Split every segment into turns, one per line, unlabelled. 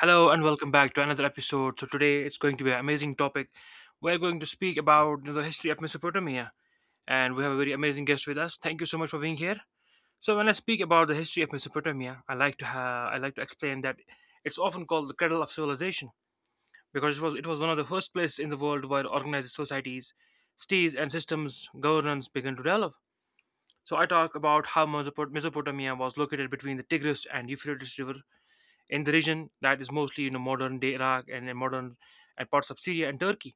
Hello and welcome back to another episode. So today it's going to be an amazing topic. We're going to speak about the history of Mesopotamia, and we have a very amazing guest with us. Thank you so much for being here. So when I speak about the history of Mesopotamia, I like to have, I like to explain that it's often called the cradle of civilization because it was one of the first places in the world where organized societies, cities, and systems governance began to develop. So I talk about how Mesopotamia was located between the Tigris and Euphrates river in the region that is mostly modern day Iraq and in modern and parts of Syria and Turkey,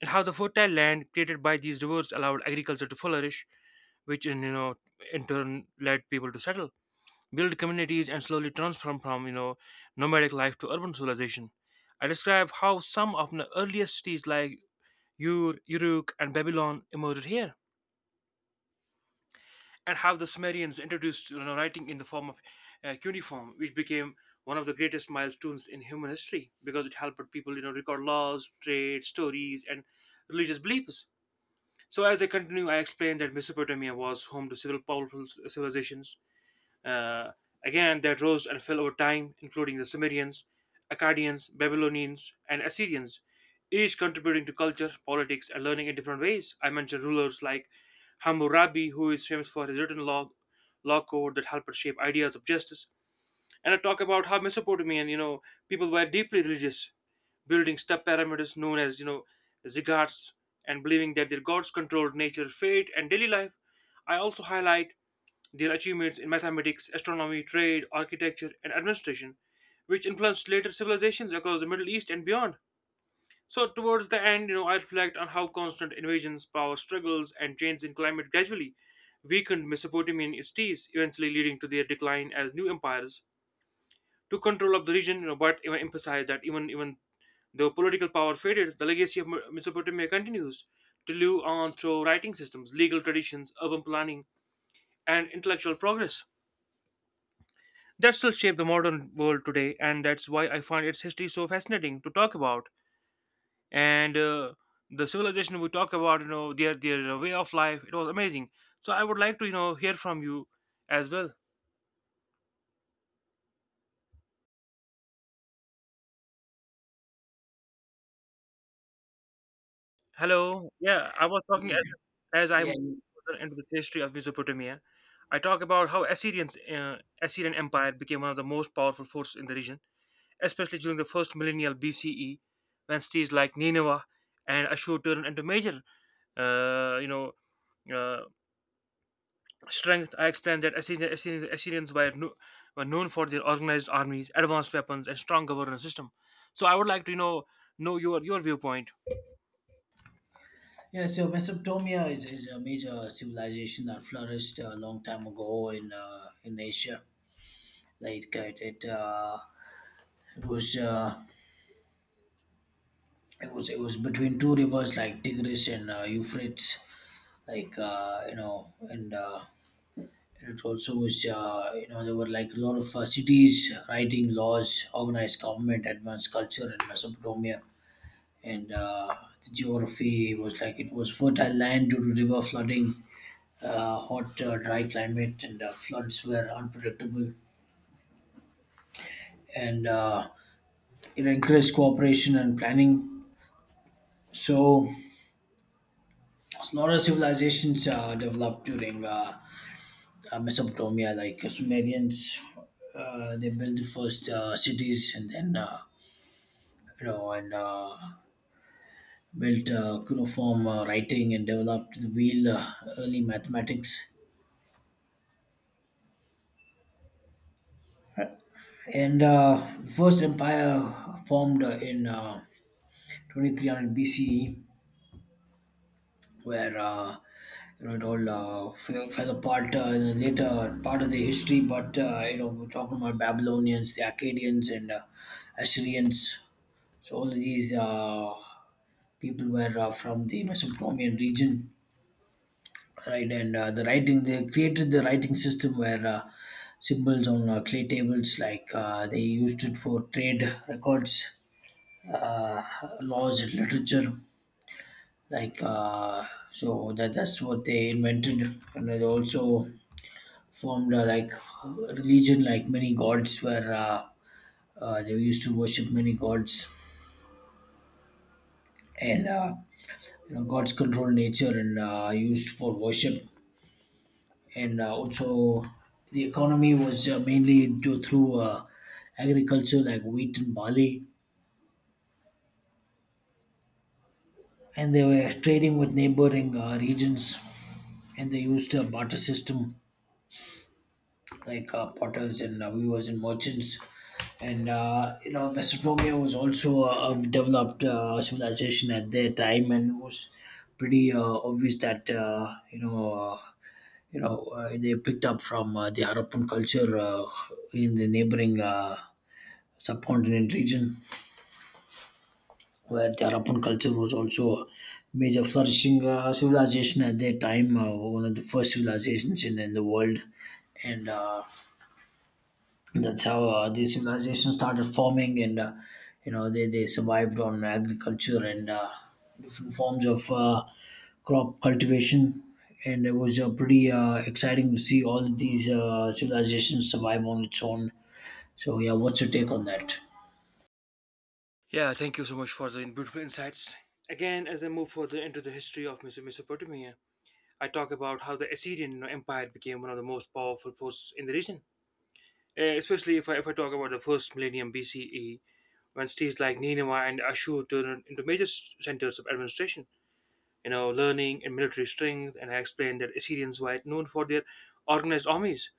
and how the fertile land created by these rivers allowed agriculture to flourish, which in you know in turn led people to settle, build communities, and slowly transform from nomadic life to urban civilization. I describe how some of the earliest cities like Ur, Uruk, and Babylon emerged here and have the Sumerians introduced writing in the form of cuneiform, which became one of the greatest milestones in human history because it helped people record laws, trade, stories, and religious beliefs. So as I continue, I explained that Mesopotamia was home to several powerful civilizations uh, again, that rose and fell over time, including the Sumerians, Akkadians, Babylonians, and Assyrians, each contributing to culture, politics, and learning in different ways. I mentioned rulers like Hammurabi, who is famous for his written law, law code that helped shape ideas of justice. And I talk about how Mesopotamian people were deeply religious, building step pyramids known as ziggurats, and believing that their gods controlled nature, fate, and daily life. I also highlight their achievements in mathematics, astronomy, trade, architecture, and administration, which influenced later civilizations across the Middle East and beyond. So, towards the end, I reflect on how constant invasions, power struggles, and changes in climate gradually weakened Mesopotamian cities, eventually leading to their decline as new empires took control of the region. But I emphasize that even though political power faded, the legacy of Mesopotamia continues to live on through writing systems, legal traditions, urban planning, and intellectual progress that still shape the modern world today. And that's why I find its history so fascinating to talk about. And the civilization we talk about, their way of life, it was amazing. So I would like to hear from you as well. Hello, yeah, I was talking as
Yeah,
I'm
yeah.
further into the history of Mesopotamia. I talk about how Assyrian Empire became one of the most powerful forces in the region, especially during the first millennial BCE when cities like Nineveh and Ashur turned into major uh, you know uh, strength. I explained that Assyrians were known for their organized armies, advanced weapons, and strong governance system. So I would like to know your viewpoint.
Yeah. So Mesopotamia is a major civilization that flourished a long time ago in in Asia. Like uh, it, it, uh, it was uh, it was between two rivers like Tigris and Euphrates. Like uh, you know, and uh, and it also was there were like a lot of cities writing laws, organized government, advanced culture in Mesopotamia, and the geography was like it was fertile land due to river flooding hot, dry climate, and floods were unpredictable. And It encouraged cooperation and planning. So a lot of civilizations developed during Mesopotamia, like Sumerians. They built the first cities, and then you know, and built cuneiform writing, and developed the wheel, early mathematics. And the first empire formed in 2300 BCE, where you know it all fell apart in the later part of the history. But you know we're talking about Babylonians, the Akkadians, and Assyrians. So all of these people were from the Mesopotamian region, right? And the writing they created the writing system where symbols on clay tables, like they used it for trade records, uh, laws, and literature like uh, so that's what they invented, and they also formed a religion. Like many gods were, they used to worship many gods, and you know gods control nature and used for worship, and also the economy was mainly do through agriculture like wheat and barley, and they were trading with neighboring regions, and they used a barter system like potters and weavers and merchants. And you know, Mesopotamia was also a developed civilization at their time, and it was pretty obvious that they picked up from the Harappan culture in the neighboring subcontinent region, where the Harappan culture was also a major flourishing civilization at their time, one of the first civilizations in the world, and that's how these civilizations started forming, and you know they survived on agriculture and different forms of crop cultivation, and it was pretty exciting to see all of these civilizations survive on its own. So yeah, what's your take on that?
Yeah, thank you so much for the beautiful insights. Again, as I move further into the history of Mesopotamia, I talk about how the Assyrian Empire became one of the most powerful forces in the region. Especially if I talk about the first millennium BCE, when cities like Nineveh and Ashur turned into major centers of administration, learning and military strength. And I explained that Assyrians were known for their organized armies,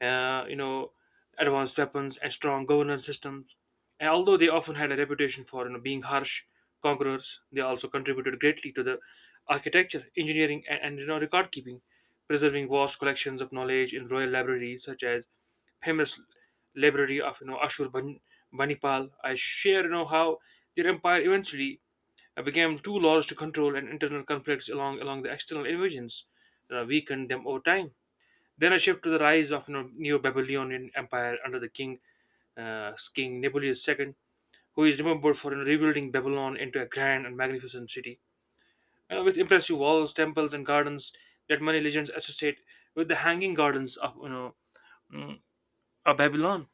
uh, you know, advanced weapons and strong governance systems. And although they often had a reputation for being harsh conquerors, they also contributed greatly to the architecture, engineering, and record keeping, preserving vast collections of knowledge in royal libraries such as famous library of Ashur Banipal. I share how their empire eventually became too large to control, and internal conflicts along the external invasions weakened them over time. Then a shift to the rise of the Neo-Babylonian Empire under the King Nebuchadnezzar II, who is remembered for rebuilding Babylon into a grand and magnificent city with impressive walls, temples, and gardens that many legends associate with the Hanging Gardens mm, of Babylon.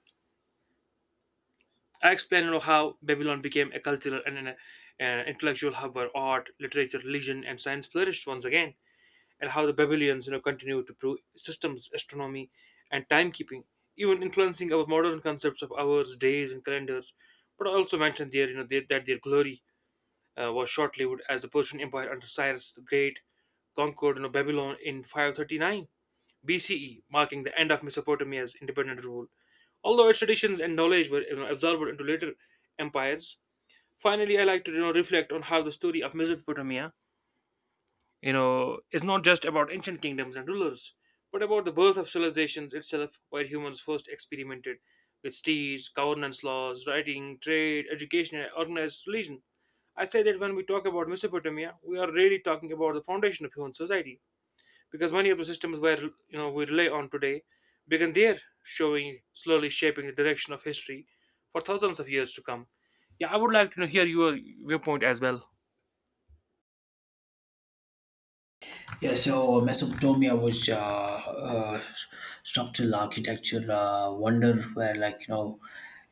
I explain how Babylon became a cultural and an intellectual hub where art, literature, religion, and science flourished once again, and how the Babylonians continue to prove systems, astronomy, and timekeeping, even influencing our modern concepts of hours, days, and calendars. But I also mentioned there that their glory was short-lived as the Persian Empire under Cyrus the Great conquered Babylon in 539 BCE, marking the end of Mesopotamia's independent rule, although its traditions and knowledge were absorbed into later empires. Finally, I like to reflect on how the story of Mesopotamia is not just about ancient kingdoms and rulers, but about the birth of civilizations itself, where humans first experimented with steeds, governance laws, writing, trade, education, and organized religion. I say that when we talk about Mesopotamia, we are really talking about the foundation of human society, because many of the systems where we rely on today began there, showing slowly shaping the direction of history for thousands of years to come. Yeah, I would like to hear your viewpoint as well.
Yeah, so Mesopotamia was structural architecture wonder where, like, you know,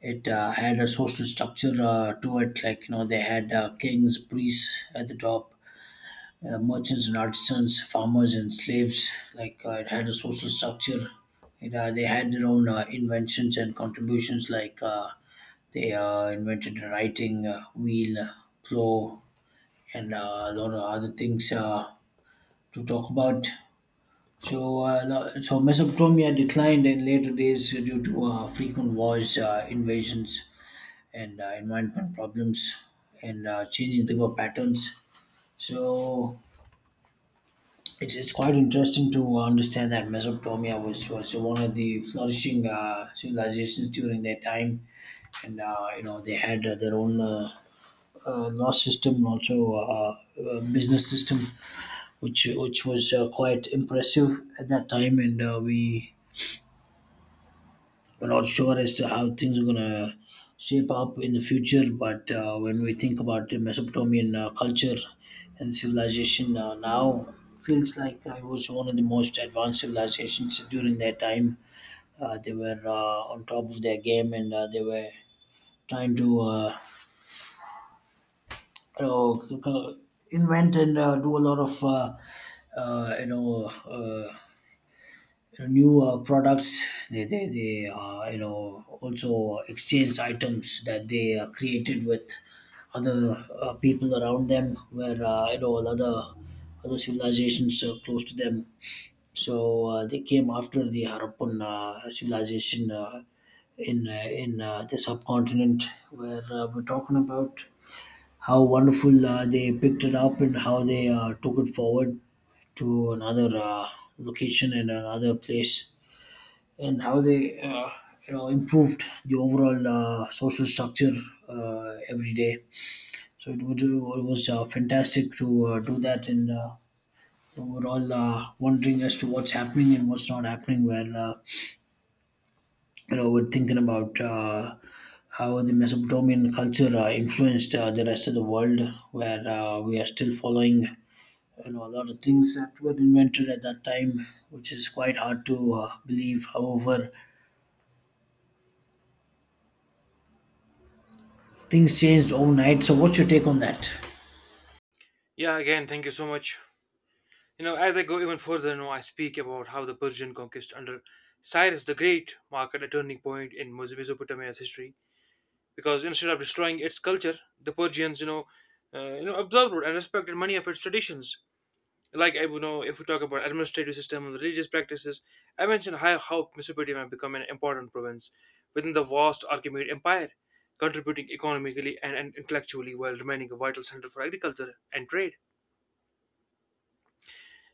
it had a social structure to it. Like, you know, they had kings, priests at the top, merchants and artisans, farmers and slaves. Like, it had a social structure. They had their own inventions and contributions, like, they invented the writing wheel, plow, and a lot of other things to talk about. So so Mesopotamia declined in later days due to frequent wars, invasions, and environment problems, and changing river patterns. So it's quite interesting to understand that Mesopotamia was one of the flourishing civilizations during their time, and you know they had their own law system and also business system, which was quite impressive at that time, and we're not sure as to how things are going to shape up in the future. But when we think about the Mesopotamian culture and civilization now, feels like it was one of the most advanced civilizations during their time. They were on top of their game, and they were trying to you know, c- c- invent and do a lot of uh, you know uh, new products. They you know also exchange items that they created with other people around them, where you know other civilizations close to them. So they came after the Harappan civilization in the subcontinent, where we're talking about how wonderful they picked it up and how they took it forward to another location and another place, and how they you know improved the overall social structure every day. So it was fantastic to do that, and we're all wondering as to what's happening and what's not happening. Where you know we're thinking about how the Mesopotamian culture influenced the rest of the world, where we are still following you know a lot of things that were invented at that time, which is quite hard to believe. However, things changed overnight. So, what's your take on that?
Yeah, again, thank you so much. As I go even further, I speak about how the Persian conquest under Cyrus the Great marked a turning point in Mesopotamia's history because instead of destroying its culture, the Persians, observed and respected many of its traditions. Like I, if we talk about administrative system and religious practices, I mentioned how Mesopotamia became an important province within the vast Achaemenid Empire, contributing economically and intellectually while remaining a vital center for agriculture and trade.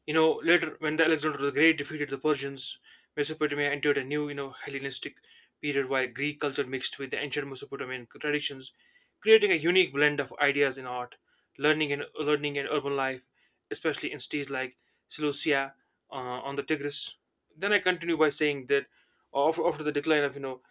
Later when the Alexander the Great defeated the Persians, Mesopotamia entered a new, Hellenistic period while Greek culture mixed with the ancient Mesopotamian traditions, creating a unique blend of ideas in art, learning and urban life, especially in cities like Seleucia on the Tigris. Then I continue by saying that after the decline of you know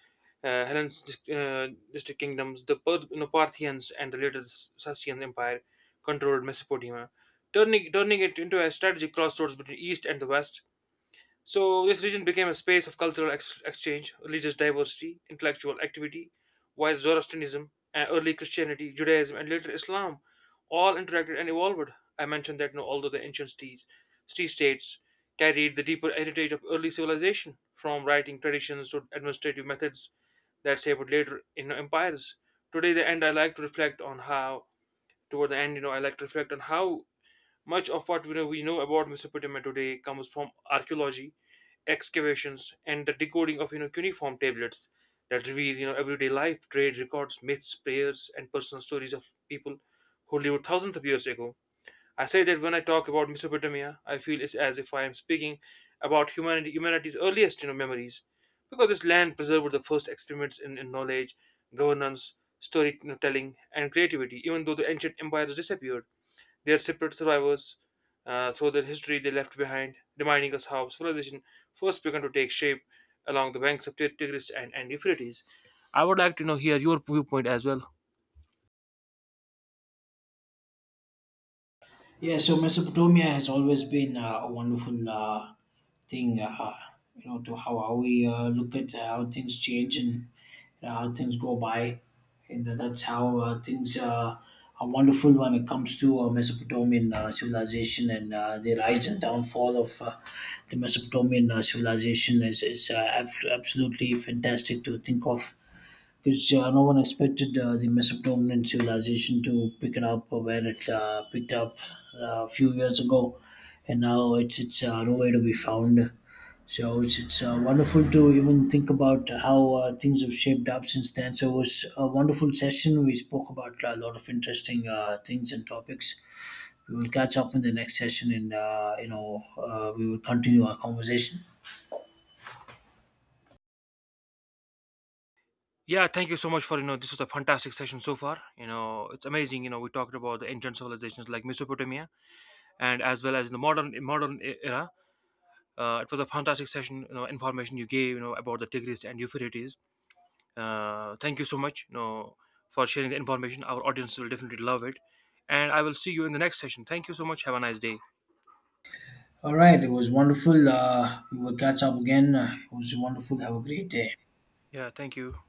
uh, Helen's distinct kingdoms, the Parthians, and the later Sassanian Empire controlled Mesopotamia, turning it into a strategic crossroads between East and the West. So this region became a space of cultural exchange, religious diversity, intellectual activity, while Zoroastrianism, and early Christianity, Judaism, and later Islam all interacted and evolved. I mentioned that although the ancient cities, city states carried the deeper heritage of early civilization, from writing traditions to administrative methods that shaped later empires. Today, the end, I like to reflect on how, toward the end, I like to reflect on how much of what we know about Mesopotamia today comes from archaeology, excavations, and the decoding of cuneiform tablets that reveal everyday life, trade records, myths, prayers, and personal stories of people who lived thousands of years ago. I say that when I talk about Mesopotamia, I feel it's as if I am speaking about humanity, humanity's earliest memories, because this land preserved the first experiments in knowledge, governance, storytelling, and creativity. Even though the ancient empires disappeared, their separate survivors, through the history they left behind, reminding us how civilization first began to take shape along the banks of Tigris and Euphrates. I would like to here your viewpoint as well.
Yeah, so Mesopotamia has always been a wonderful thing, you know, to how we look at how things change and how things go by. And that's how things are wonderful when it comes to Mesopotamian civilization, and the rise and downfall of the Mesopotamian civilization is absolutely fantastic to think of, because no one expected the Mesopotamian civilization to pick it up where it picked up a few years ago, and now it's nowhere to be found. So it's wonderful to even think about how things have shaped up since then. So it was a wonderful session. We spoke about a lot of interesting things and topics. We will catch up in the next session, and we will continue our conversation.
Yeah, thank you so much for this was a fantastic session so far. You know it's amazing. We talked about the ancient civilizations like Mesopotamia and as well as the era. It was a fantastic session. Information you gave. About the Tigris and Euphrates. Thank you so much. For sharing the information. Our audience will definitely love it, and I will see you in the next session. Thank you so much. Have a nice day.
All right, it was wonderful. We will catch up again. It was wonderful. Have a great day.
Yeah, thank you.